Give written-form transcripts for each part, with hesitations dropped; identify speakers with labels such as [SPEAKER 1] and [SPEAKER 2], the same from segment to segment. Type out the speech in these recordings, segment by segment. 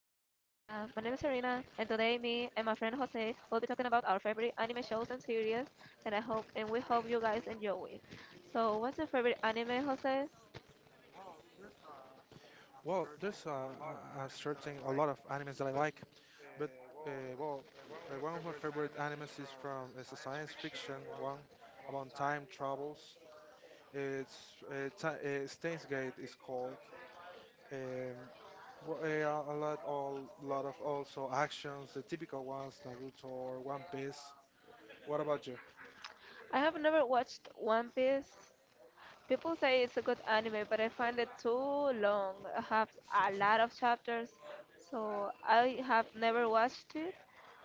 [SPEAKER 1] me and my friend Jose will be talking about our favorite anime shows and series, and I hope and we hope you guys enjoy it. So, what's your favorite anime, Jose?
[SPEAKER 2] Well, there's a lot of animes that I like, but well, one of my favorite animes is from, it's a science fiction one about time travels. It's Stainsgate is called. Um, a lot, all lot of also actions, the typical ones, Naruto or One Piece. What about you?
[SPEAKER 1] I have never watched One Piece. People say it's a good anime, but I find it too long. I have a lot of chapters, so I have never watched it,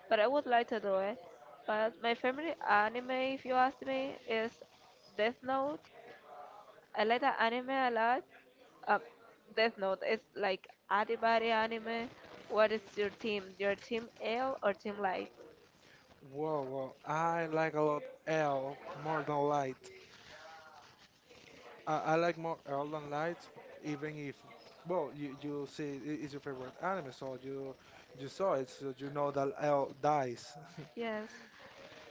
[SPEAKER 1] but I would like to do it. But my favorite anime, if you ask me, is Death Note. I like that anime a lot. Um, Death Note is like anybody anime. What is your team? Your team L or team Light?
[SPEAKER 2] Whoa, whoa. I like a lot L more than light. I like more L than light, even if well, you see it is your favorite anime, so you saw it, so you know that L dies.
[SPEAKER 1] Yes,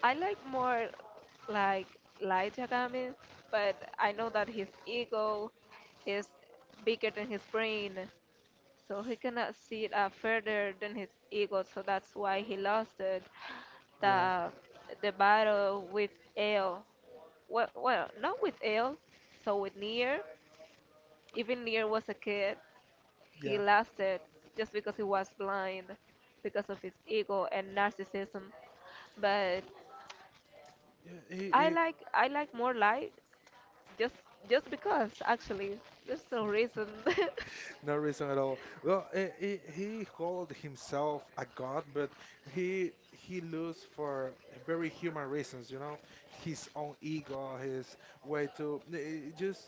[SPEAKER 1] I like more like Light Yagami, but I know that his ego is bigger than his brain, so he cannot see it further than his ego, so that's why he lost it.
[SPEAKER 2] Yeah,
[SPEAKER 1] The the battle with L. Well, well, not with L, so with Nier. Even Nier was a kid. He
[SPEAKER 2] yeah.
[SPEAKER 1] lost it just because he was blind, because of his ego and narcissism. But
[SPEAKER 2] Yeah,
[SPEAKER 1] I
[SPEAKER 2] he
[SPEAKER 1] like I like more light just just because actually there's no reason.
[SPEAKER 2] no reason at all. Well, he called himself a god, but he lose for very human reasons, you know, his own ego, his way to just.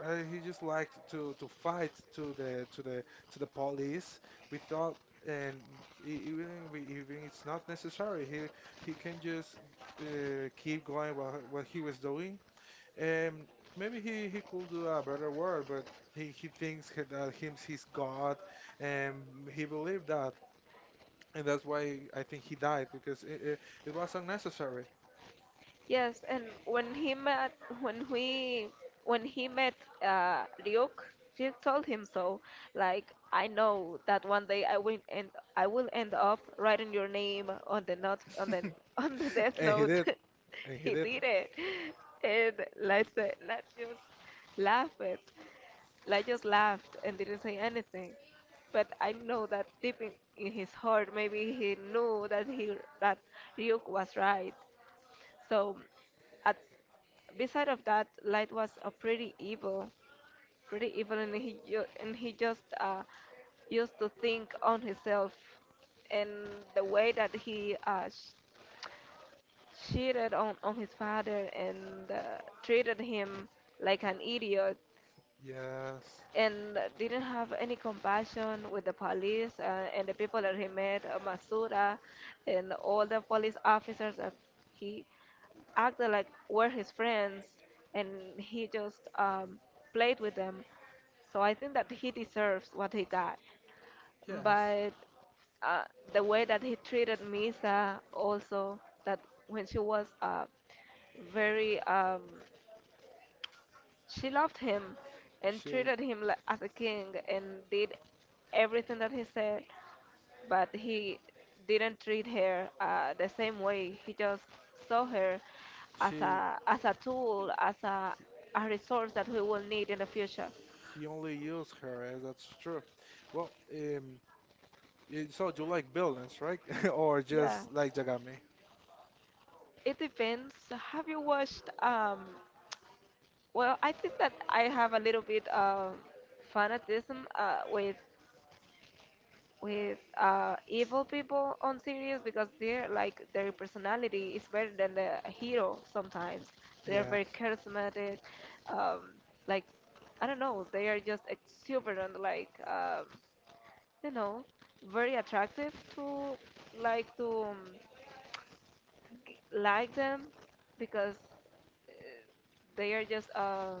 [SPEAKER 2] He just liked to fight to the police without and even it's not necessary he can just keep going what he was doing. um, Maybe he could do a better work, but he thinks that him's his God, and he believed that, and that's why I think he died because it was unnecessary.
[SPEAKER 1] Yes, and when we when he met Ryuk, she told him so. Like I know that one day I will end up writing your name on the not on the on the death
[SPEAKER 2] And he
[SPEAKER 1] note.
[SPEAKER 2] did, and he
[SPEAKER 1] He
[SPEAKER 2] did.
[SPEAKER 1] did it. And let's just laugh it. Like just laughed and didn't say anything. But I know that deep in his heart, maybe he knew that Ryuk was right. So, at beside of that, Light was a pretty evil, and he just used to think on himself and the way that he cheated on his father and treated him like an idiot
[SPEAKER 2] Yes,
[SPEAKER 1] and didn't have any compassion with the police and the people that he met, Masura, and all the police officers that he acted like were his friends, and he just played with them. So I think that he deserves what he got.
[SPEAKER 2] yes.
[SPEAKER 1] But uh, the way that he treated Misa also, that when she was very she loved him and
[SPEAKER 2] She
[SPEAKER 1] treated him as a king and did everything that he said, but he didn't treat her the same way. He just saw her as
[SPEAKER 2] she
[SPEAKER 1] a tool, as a resource that we will need in the future.
[SPEAKER 2] he only used her, and that's true. Well, so you like villains, right? Or
[SPEAKER 1] Yeah,
[SPEAKER 2] just like Jagami?
[SPEAKER 1] it depends. Have you watched? Well, I think that I have a little bit of fanatism with evil people on series because they're like their personality is better than the hero sometimes. They're very
[SPEAKER 2] Yes.
[SPEAKER 1] charismatic, um, like I don't know, they are just exuberant, like you know, very attractive to like to like them because they are just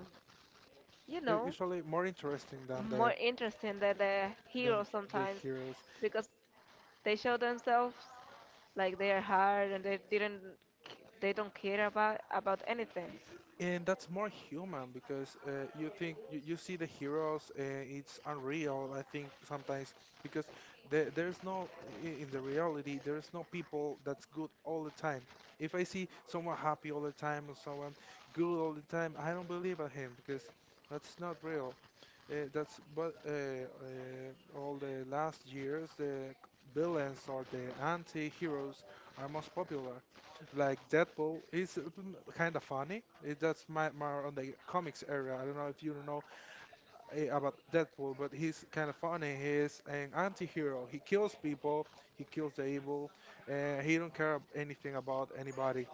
[SPEAKER 1] you
[SPEAKER 2] They're
[SPEAKER 1] know
[SPEAKER 2] usually more interesting than
[SPEAKER 1] more
[SPEAKER 2] the
[SPEAKER 1] interesting than the hero
[SPEAKER 2] than
[SPEAKER 1] sometimes
[SPEAKER 2] heroes.
[SPEAKER 1] because they show themselves like they are hard and they don't care about anything.
[SPEAKER 2] And that's more human because you think you see the heroes, it's unreal, I think sometimes, because there's no, I- in the reality, there's no people that's good all the time. If I see someone happy all the time or someone good all the time, I don't believe at him because that's not real. That's but All the last years the villains or the anti-heroes are most popular. Like Deadpool is kind of funny. That's my on the comics area. I don't know if you know about Deadpool, but he's kind of funny. He's an anti-hero. He kills people. He kills the evil. He don't care anything about anybody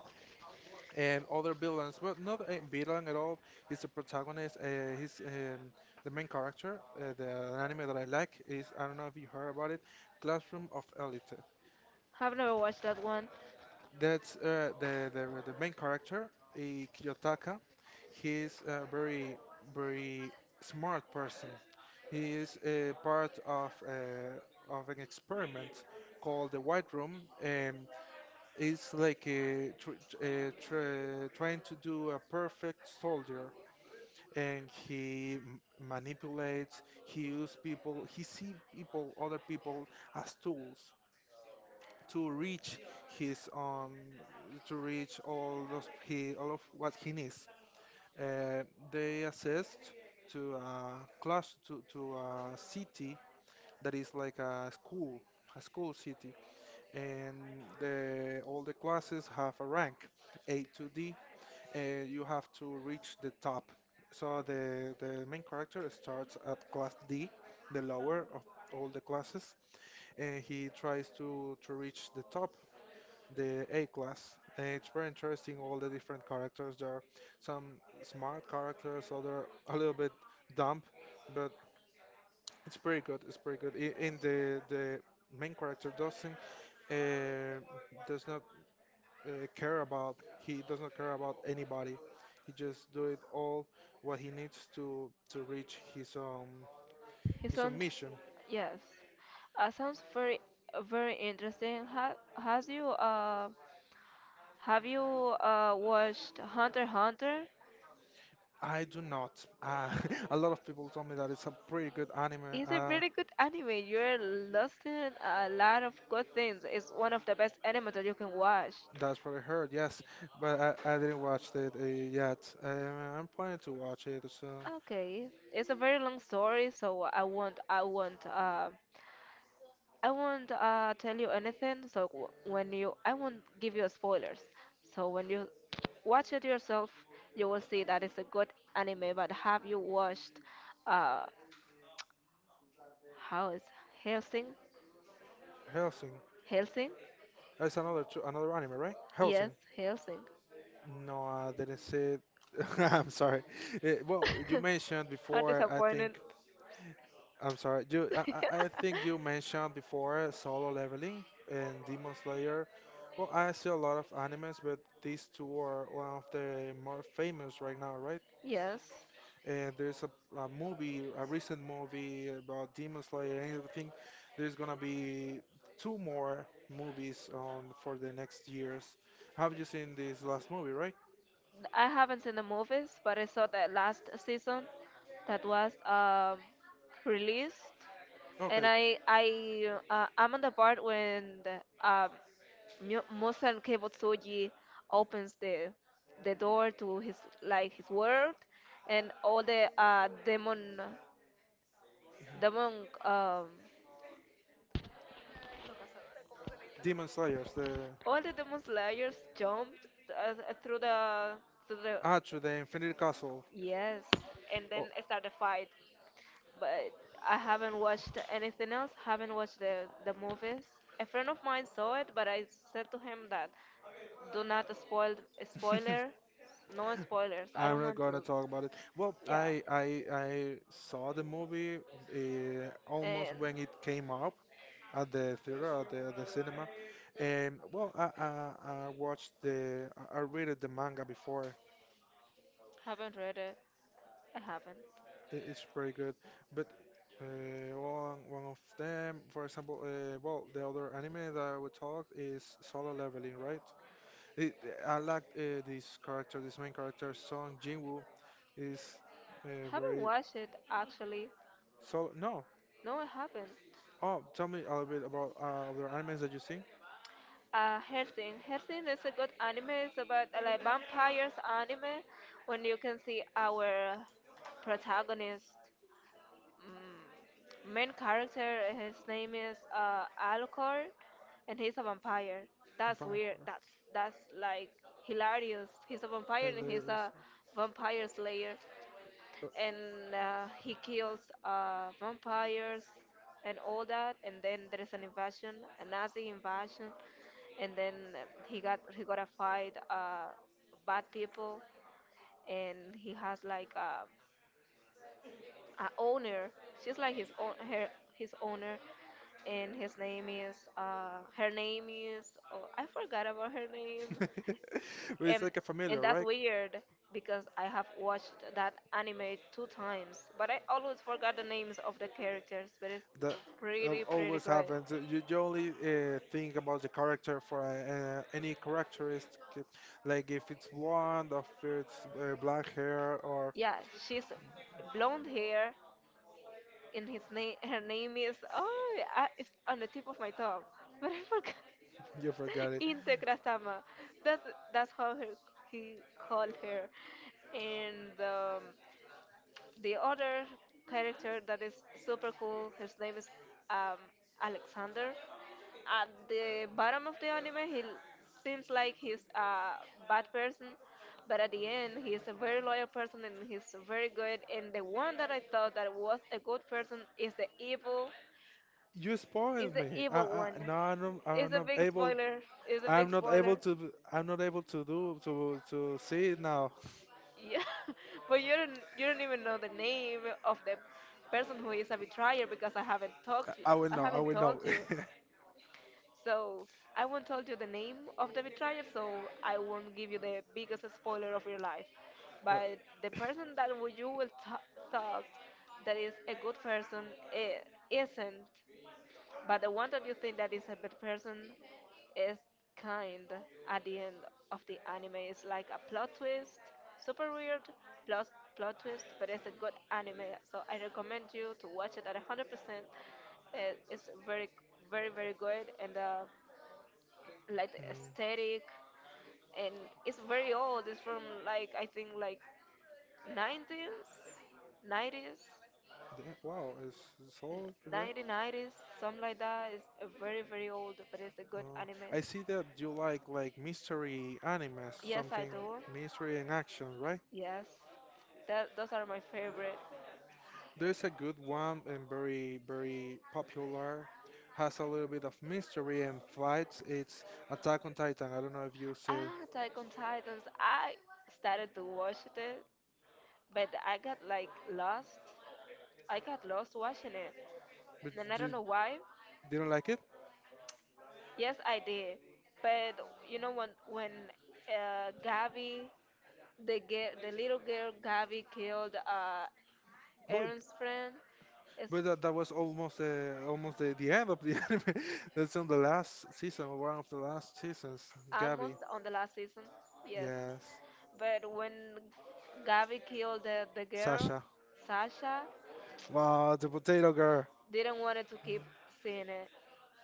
[SPEAKER 2] and other villains. Well, not a villain at all. He's the protagonist. He's the main character. The anime that I like is, I don't know if you heard about it, Classroom of Elite.
[SPEAKER 1] I've never watched that one.
[SPEAKER 2] That's the main character, Kiyotaka. He's a very very smart person. He is a part of an experiment called the White Room, and is like a trying to do a perfect soldier, and he manipulates, he uses people, he see people, other people as tools to reach his to reach all those, he, all of what he needs. uh, they assessed to a class, to a city that is like a school, a school city, and the all the classes have a rank, A to D. You have to reach the top. So the main character starts at class D, the lower of all the classes, and he tries to reach the top, the A class. And it's very interesting, all the different characters. There are some smart characters, other a little bit dumb, but it's pretty good. It's pretty good. In the main character doesn't uh, does not care about. He does not care about anybody. He just do it all what he needs to reach his um
[SPEAKER 1] It
[SPEAKER 2] his own
[SPEAKER 1] sounds
[SPEAKER 2] mission.
[SPEAKER 1] yes, sounds very very interesting. Ha, has you have you watched Hunter x Hunter?
[SPEAKER 2] I do not. Uh, a lot of people told me that it's a pretty good anime.
[SPEAKER 1] It's a really good anime. You're lost in a lot of good things. It's one of the best anime that you can watch.
[SPEAKER 2] That's what I heard. Yes, but I didn't watch it yet. I'm planning to watch it. So,
[SPEAKER 1] Okay, it's a very long story, so I won't tell you anything. I won't give you spoilers. So when you watch it yourself, you will see that it's a good anime. But have you watched, uh, how is Helsing?
[SPEAKER 2] Helsing.
[SPEAKER 1] Helsing?
[SPEAKER 2] That's another anime, right?
[SPEAKER 1] Yes,
[SPEAKER 2] Helsing.
[SPEAKER 1] Helsing.
[SPEAKER 2] No, I didn't see it. I'm sorry. Well, you mentioned
[SPEAKER 1] How
[SPEAKER 2] before, I
[SPEAKER 1] disappointed.
[SPEAKER 2] think. I'm sorry. I think you mentioned before Solo Leveling and Demon Slayer. Well, I see a lot of animes, but these two are one of the more famous right now, right?
[SPEAKER 1] Yes.
[SPEAKER 2] And there's a movie, a recent movie about Demon Slayer, and I think there's gonna be two more movies on for the next years. Have you seen this last movie, right?
[SPEAKER 1] I haven't seen the movies, but I saw that last season that was released, and
[SPEAKER 2] Okay.
[SPEAKER 1] okay. I'm on the part when um, Mu- Musan Kebotsuji opens the door to his like his world, and all the demon
[SPEAKER 2] Mhm.
[SPEAKER 1] demon um,
[SPEAKER 2] Demon Slayers, the,
[SPEAKER 1] all the demon slayers jumped through the
[SPEAKER 2] to the Infinite Castle.
[SPEAKER 1] yes, and then
[SPEAKER 2] Oh.
[SPEAKER 1] start the fight. But I haven't watched anything else. Haven't watched the movies. A friend of mine saw it, but I said to him that do not spoil spoiler, no spoilers. I
[SPEAKER 2] I'm
[SPEAKER 1] don't
[SPEAKER 2] not
[SPEAKER 1] want
[SPEAKER 2] gonna
[SPEAKER 1] to.
[SPEAKER 2] talk about it. Well,
[SPEAKER 1] Yeah,
[SPEAKER 2] I saw the movie almost
[SPEAKER 1] and
[SPEAKER 2] when it came out at the theater, at the cinema, and well, I watched the I read the manga before.
[SPEAKER 1] haven't read it. I haven't.
[SPEAKER 2] It's pretty good, but one of them, for example, well, the other anime that I would talk is Solo Leveling, right? It, I like this character, this main character, Song Jinwoo, is
[SPEAKER 1] Haven't
[SPEAKER 2] very
[SPEAKER 1] watched it actually.
[SPEAKER 2] solo. No.
[SPEAKER 1] No, I haven't.
[SPEAKER 2] Oh, tell me a little bit about other animes that you see.
[SPEAKER 1] Helsing. Helsing is a good anime. It's about like vampires anime when you can see our protagonist. Mm, main character, his name is Alcor, and he's a vampire. That's weird.
[SPEAKER 2] Vampire.
[SPEAKER 1] That's like hilarious. He's a vampire and he's
[SPEAKER 2] Hilarious.
[SPEAKER 1] a vampire slayer.
[SPEAKER 2] Uh,
[SPEAKER 1] And he kills vampires and all that, and then there's an invasion, a nazi invasion, and then he got a fight bad people, and he has like a owner. She's like his own her, his owner, and his name is her name is oh, I forgot about her name.
[SPEAKER 2] But it's
[SPEAKER 1] and,
[SPEAKER 2] like a familiar,
[SPEAKER 1] and that's right?
[SPEAKER 2] right?
[SPEAKER 1] Weird because I have watched that anime two times, but I always forgot the names of the characters. But it's
[SPEAKER 2] That
[SPEAKER 1] pretty, pretty
[SPEAKER 2] always
[SPEAKER 1] good.
[SPEAKER 2] happens. You only think about the character for any characteristic, like if it's blonde, or if it's black hair, or
[SPEAKER 1] Yeah, she's blonde hair, and his name, her name is oh, I, it's on the tip of my tongue, but I forgot.
[SPEAKER 2] you forgot it.
[SPEAKER 1] Integra-sama. That's that's how her, he called her, and the other character that is super cool, his name is um, Alexander. At the bottom of the anime, seems like he's a bad person, but at the end, he's a very loyal person and he's very good. And the one that I thought that was a good person
[SPEAKER 2] You
[SPEAKER 1] is
[SPEAKER 2] spoiled
[SPEAKER 1] the
[SPEAKER 2] me.
[SPEAKER 1] evil one.
[SPEAKER 2] No, I'm
[SPEAKER 1] It's a
[SPEAKER 2] not
[SPEAKER 1] big
[SPEAKER 2] able.
[SPEAKER 1] spoiler. It's a big
[SPEAKER 2] I'm not
[SPEAKER 1] spoiler.
[SPEAKER 2] able to. I'm not able to do to see it now.
[SPEAKER 1] Yeah, but you don't even know the name of the person who is a betrayer because I haven't talked to,
[SPEAKER 2] I will know. I
[SPEAKER 1] haven't
[SPEAKER 2] will
[SPEAKER 1] told
[SPEAKER 2] know.
[SPEAKER 1] you. So I won't tell you the name of the betrayer, so I won't give you the biggest spoiler of your life. But the
[SPEAKER 2] Uh,
[SPEAKER 1] person that you will thought that is a good person I isn't. But the one that you think that is a bad person is kind at the end of the anime. It's like a plot twist, super weird plot plot twist, but it's a good anime. So I recommend you to watch it at 100%. It's very, very, very good, and like the
[SPEAKER 2] mm,
[SPEAKER 1] aesthetic, and it's very old. It's from like I think like 90s, 90s.
[SPEAKER 2] yeah, wow, it's all, yeah.
[SPEAKER 1] 1990s, something like that. It's a very, very old, but it's a good
[SPEAKER 2] No,
[SPEAKER 1] anime.
[SPEAKER 2] I see that you like mystery animes,
[SPEAKER 1] Yes, I
[SPEAKER 2] something
[SPEAKER 1] do.
[SPEAKER 2] mystery and action, right?
[SPEAKER 1] Yes, that those are my favorite.
[SPEAKER 2] There's a good one and very very popular. Has a little bit of mystery and fights. It's Attack on Titan. I don't know if you see,
[SPEAKER 1] Ah, Attack on Titans. I started to watch it, but I got like lost. I got lost watching it,
[SPEAKER 2] but
[SPEAKER 1] and I don't
[SPEAKER 2] you
[SPEAKER 1] know why.
[SPEAKER 2] didn't like it.
[SPEAKER 1] Yes, I did. But you know when Gabby, the girl, the little girl Gabby killed
[SPEAKER 2] What?
[SPEAKER 1] Aaron's friend is
[SPEAKER 2] But that was almost almost the end of the anime. That's on the last season, one of the last seasons. Gabby,
[SPEAKER 1] almost on the last season, yes.
[SPEAKER 2] yes,
[SPEAKER 1] But when Gabi killed the girl,
[SPEAKER 2] Sasha.
[SPEAKER 1] Sasha,
[SPEAKER 2] Wow, the potato girl.
[SPEAKER 1] didn't want it to keep seeing it.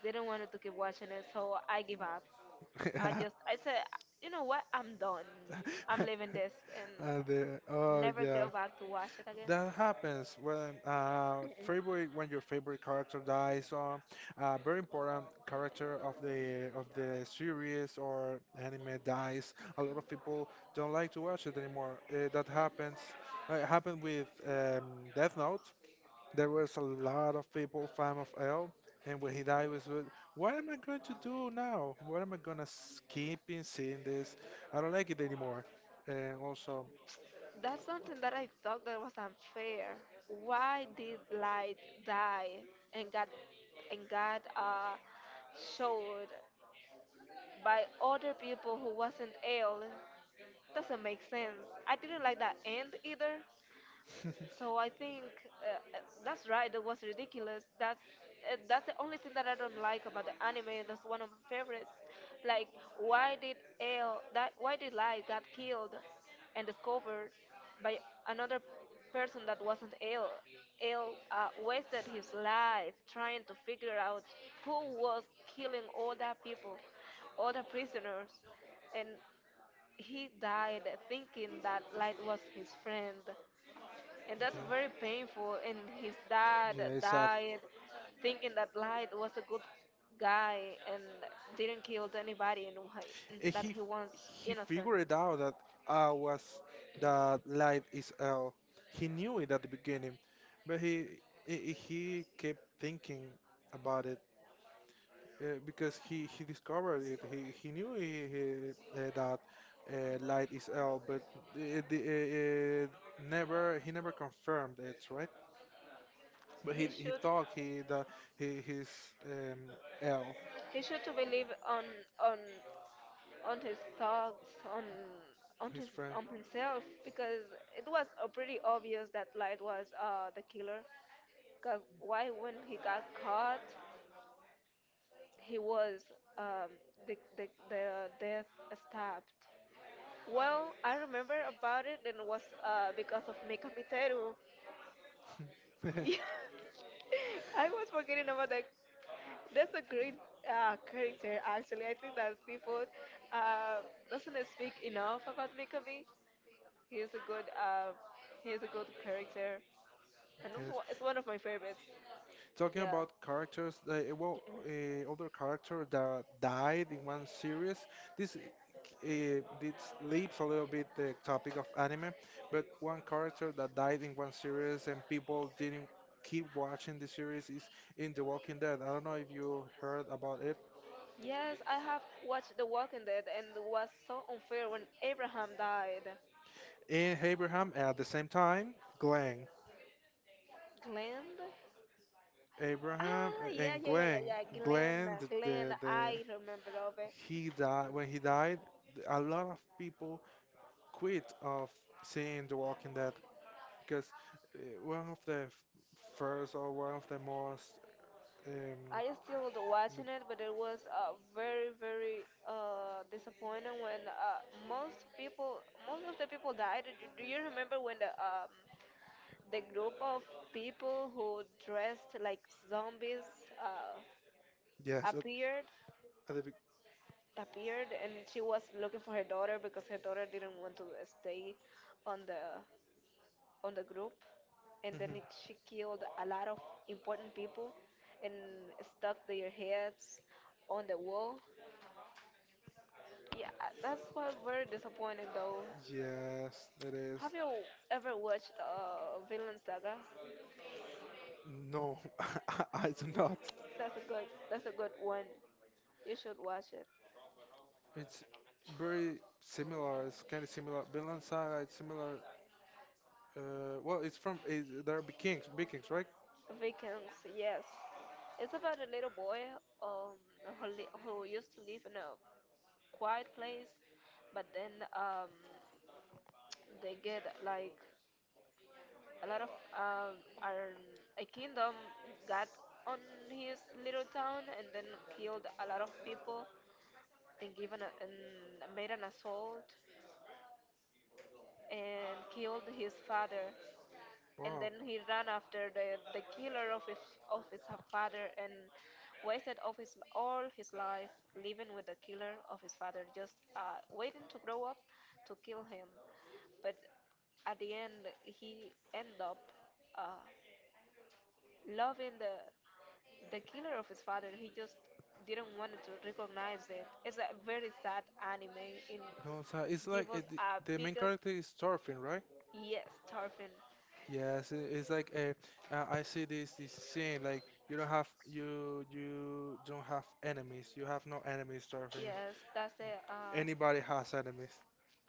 [SPEAKER 1] Didn't want it to keep watching it, so I give up. I
[SPEAKER 2] Yeah.
[SPEAKER 1] just, I said, you know what? I'm done. I'm leaving this and
[SPEAKER 2] Oh
[SPEAKER 1] never go
[SPEAKER 2] yeah,
[SPEAKER 1] back to watch it
[SPEAKER 2] that happens when favorite when your favorite character dies, or
[SPEAKER 1] again.
[SPEAKER 2] very important character of the series or anime dies. A lot of people don't like to watch it anymore. That happens. It happened with Death Note. There was a lot of people fan of Elle, and when he died, what am I going to do now? What am I gonna keep in seeing this? I don't like it anymore. And also,
[SPEAKER 1] That's something that I thought that was unfair. Why did Light die and got and got uh showed by other people who wasn't ill? Doesn't make sense. I didn't like that end either.
[SPEAKER 2] yeah,
[SPEAKER 1] So I think that's right. That was ridiculous. That's the only thing that I don't like about the anime. That's one of my favorites. Like, why did L that? Why did Light got killed and discovered by another person that wasn't L? L wasted his life trying to figure out who was killing all that people, all the prisoners, and he died thinking that Light was his friend, and that's very painful. And his dad
[SPEAKER 2] yeah, it's sad.
[SPEAKER 1] died thinking that Light was a good guy and didn't kill anybody, and
[SPEAKER 2] And
[SPEAKER 1] that
[SPEAKER 2] he
[SPEAKER 1] he was
[SPEAKER 2] he
[SPEAKER 1] innocent.
[SPEAKER 2] figured it out that I was that light is L. He knew it at the beginning, but he kept thinking about it, because he discovered it. He knew that light is L, but the, the, never he never confirmed it, right? But he
[SPEAKER 1] He
[SPEAKER 2] he
[SPEAKER 1] should
[SPEAKER 2] thought he that he's um, L,
[SPEAKER 1] he should to believe on on his thoughts on
[SPEAKER 2] his
[SPEAKER 1] his
[SPEAKER 2] friend.
[SPEAKER 1] on himself because it was pretty obvious that Light was the killer. Cause why when he got caught, he was um, the death stabbed. Well, I remember about it, and it was because of Mika Miteru. Yeah, I was forgetting about that. That's a great character, actually. I think that people uh, doesn't speak enough about Mikami. He is a good uh, he is a good character, and it's
[SPEAKER 2] Yes.
[SPEAKER 1] it's one of my favorites.
[SPEAKER 2] Talking
[SPEAKER 1] Yeah.
[SPEAKER 2] about characters, well, other character that died in one series. This leaves a little bit the topic of anime, but one character that died in one series and people didn't keep watching the series is in The Walking Dead. I don't know if you heard about it.
[SPEAKER 1] Yes, I have watched The Walking Dead, and was so unfair when Abraham died.
[SPEAKER 2] In Abraham, at the same time, Glenn.
[SPEAKER 1] Glenn?
[SPEAKER 2] Abraham
[SPEAKER 1] Ah, yeah,
[SPEAKER 2] and
[SPEAKER 1] yeah, yeah, yeah,
[SPEAKER 2] Glenn.
[SPEAKER 1] yeah. Glenn,
[SPEAKER 2] Glenn,
[SPEAKER 1] Glenn.
[SPEAKER 2] the
[SPEAKER 1] I remember of it.
[SPEAKER 2] he died. When he died, a lot of people quit of seeing The Walking Dead because one of the first, or one of the most um
[SPEAKER 1] I still
[SPEAKER 2] m-
[SPEAKER 1] watching it, but it was very, very disappointing when most of the people died. Do you remember when the group of people who dressed like zombies uh,
[SPEAKER 2] yes,
[SPEAKER 1] appeared?
[SPEAKER 2] at the
[SPEAKER 1] appeared, and she was looking for her daughter because her daughter didn't want to stay on the group, and then
[SPEAKER 2] Mhm.
[SPEAKER 1] it, she killed a lot of important people and stuck their heads on the wall. Yeah, that's why we're disappointed though.
[SPEAKER 2] Yes, it is.
[SPEAKER 1] Have you ever watched Vinland Saga?
[SPEAKER 2] No. I do not.
[SPEAKER 1] That's a good one. You should watch it.
[SPEAKER 2] It's very similar, it's kind of similar. Vinland Saga it's similar, well, it's from, there are Vikings Vikings, right?
[SPEAKER 1] Vikings, yes. It's about a little boy um, who used to live in a quiet place, but then um, they get like a lot of our a kingdom got on his little town, and then killed a lot of people and made an assault and killed his father, and
[SPEAKER 2] Wow,
[SPEAKER 1] then he ran after the killer of his father and wasted of his all his life living with the killer of his father, just waiting to grow up to kill him. But at the end he ended up uh, loving the killer of his father. He just didn't want to recognize it. It's a very sad anime. In
[SPEAKER 2] Vinland Saga it's
[SPEAKER 1] it
[SPEAKER 2] like
[SPEAKER 1] was
[SPEAKER 2] the
[SPEAKER 1] a
[SPEAKER 2] the main
[SPEAKER 1] bigger
[SPEAKER 2] character is Thorfinn, right?
[SPEAKER 1] yes, Tarfin.
[SPEAKER 2] Yes, it's like I see this scene, like you don't have, you don't have enemies. You have no enemies, Darwin.
[SPEAKER 1] Yes, that's the
[SPEAKER 2] Anybody has enemies.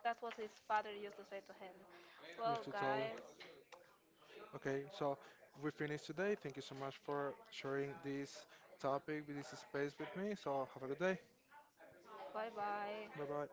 [SPEAKER 1] that's what his father used to say to him. Well,
[SPEAKER 2] Used to tell him.
[SPEAKER 1] guys,
[SPEAKER 2] Okay, so we finished today. Thank you so much for sharing this topic, this space with me. So have a good day.
[SPEAKER 1] bye bye.
[SPEAKER 2] Bye bye.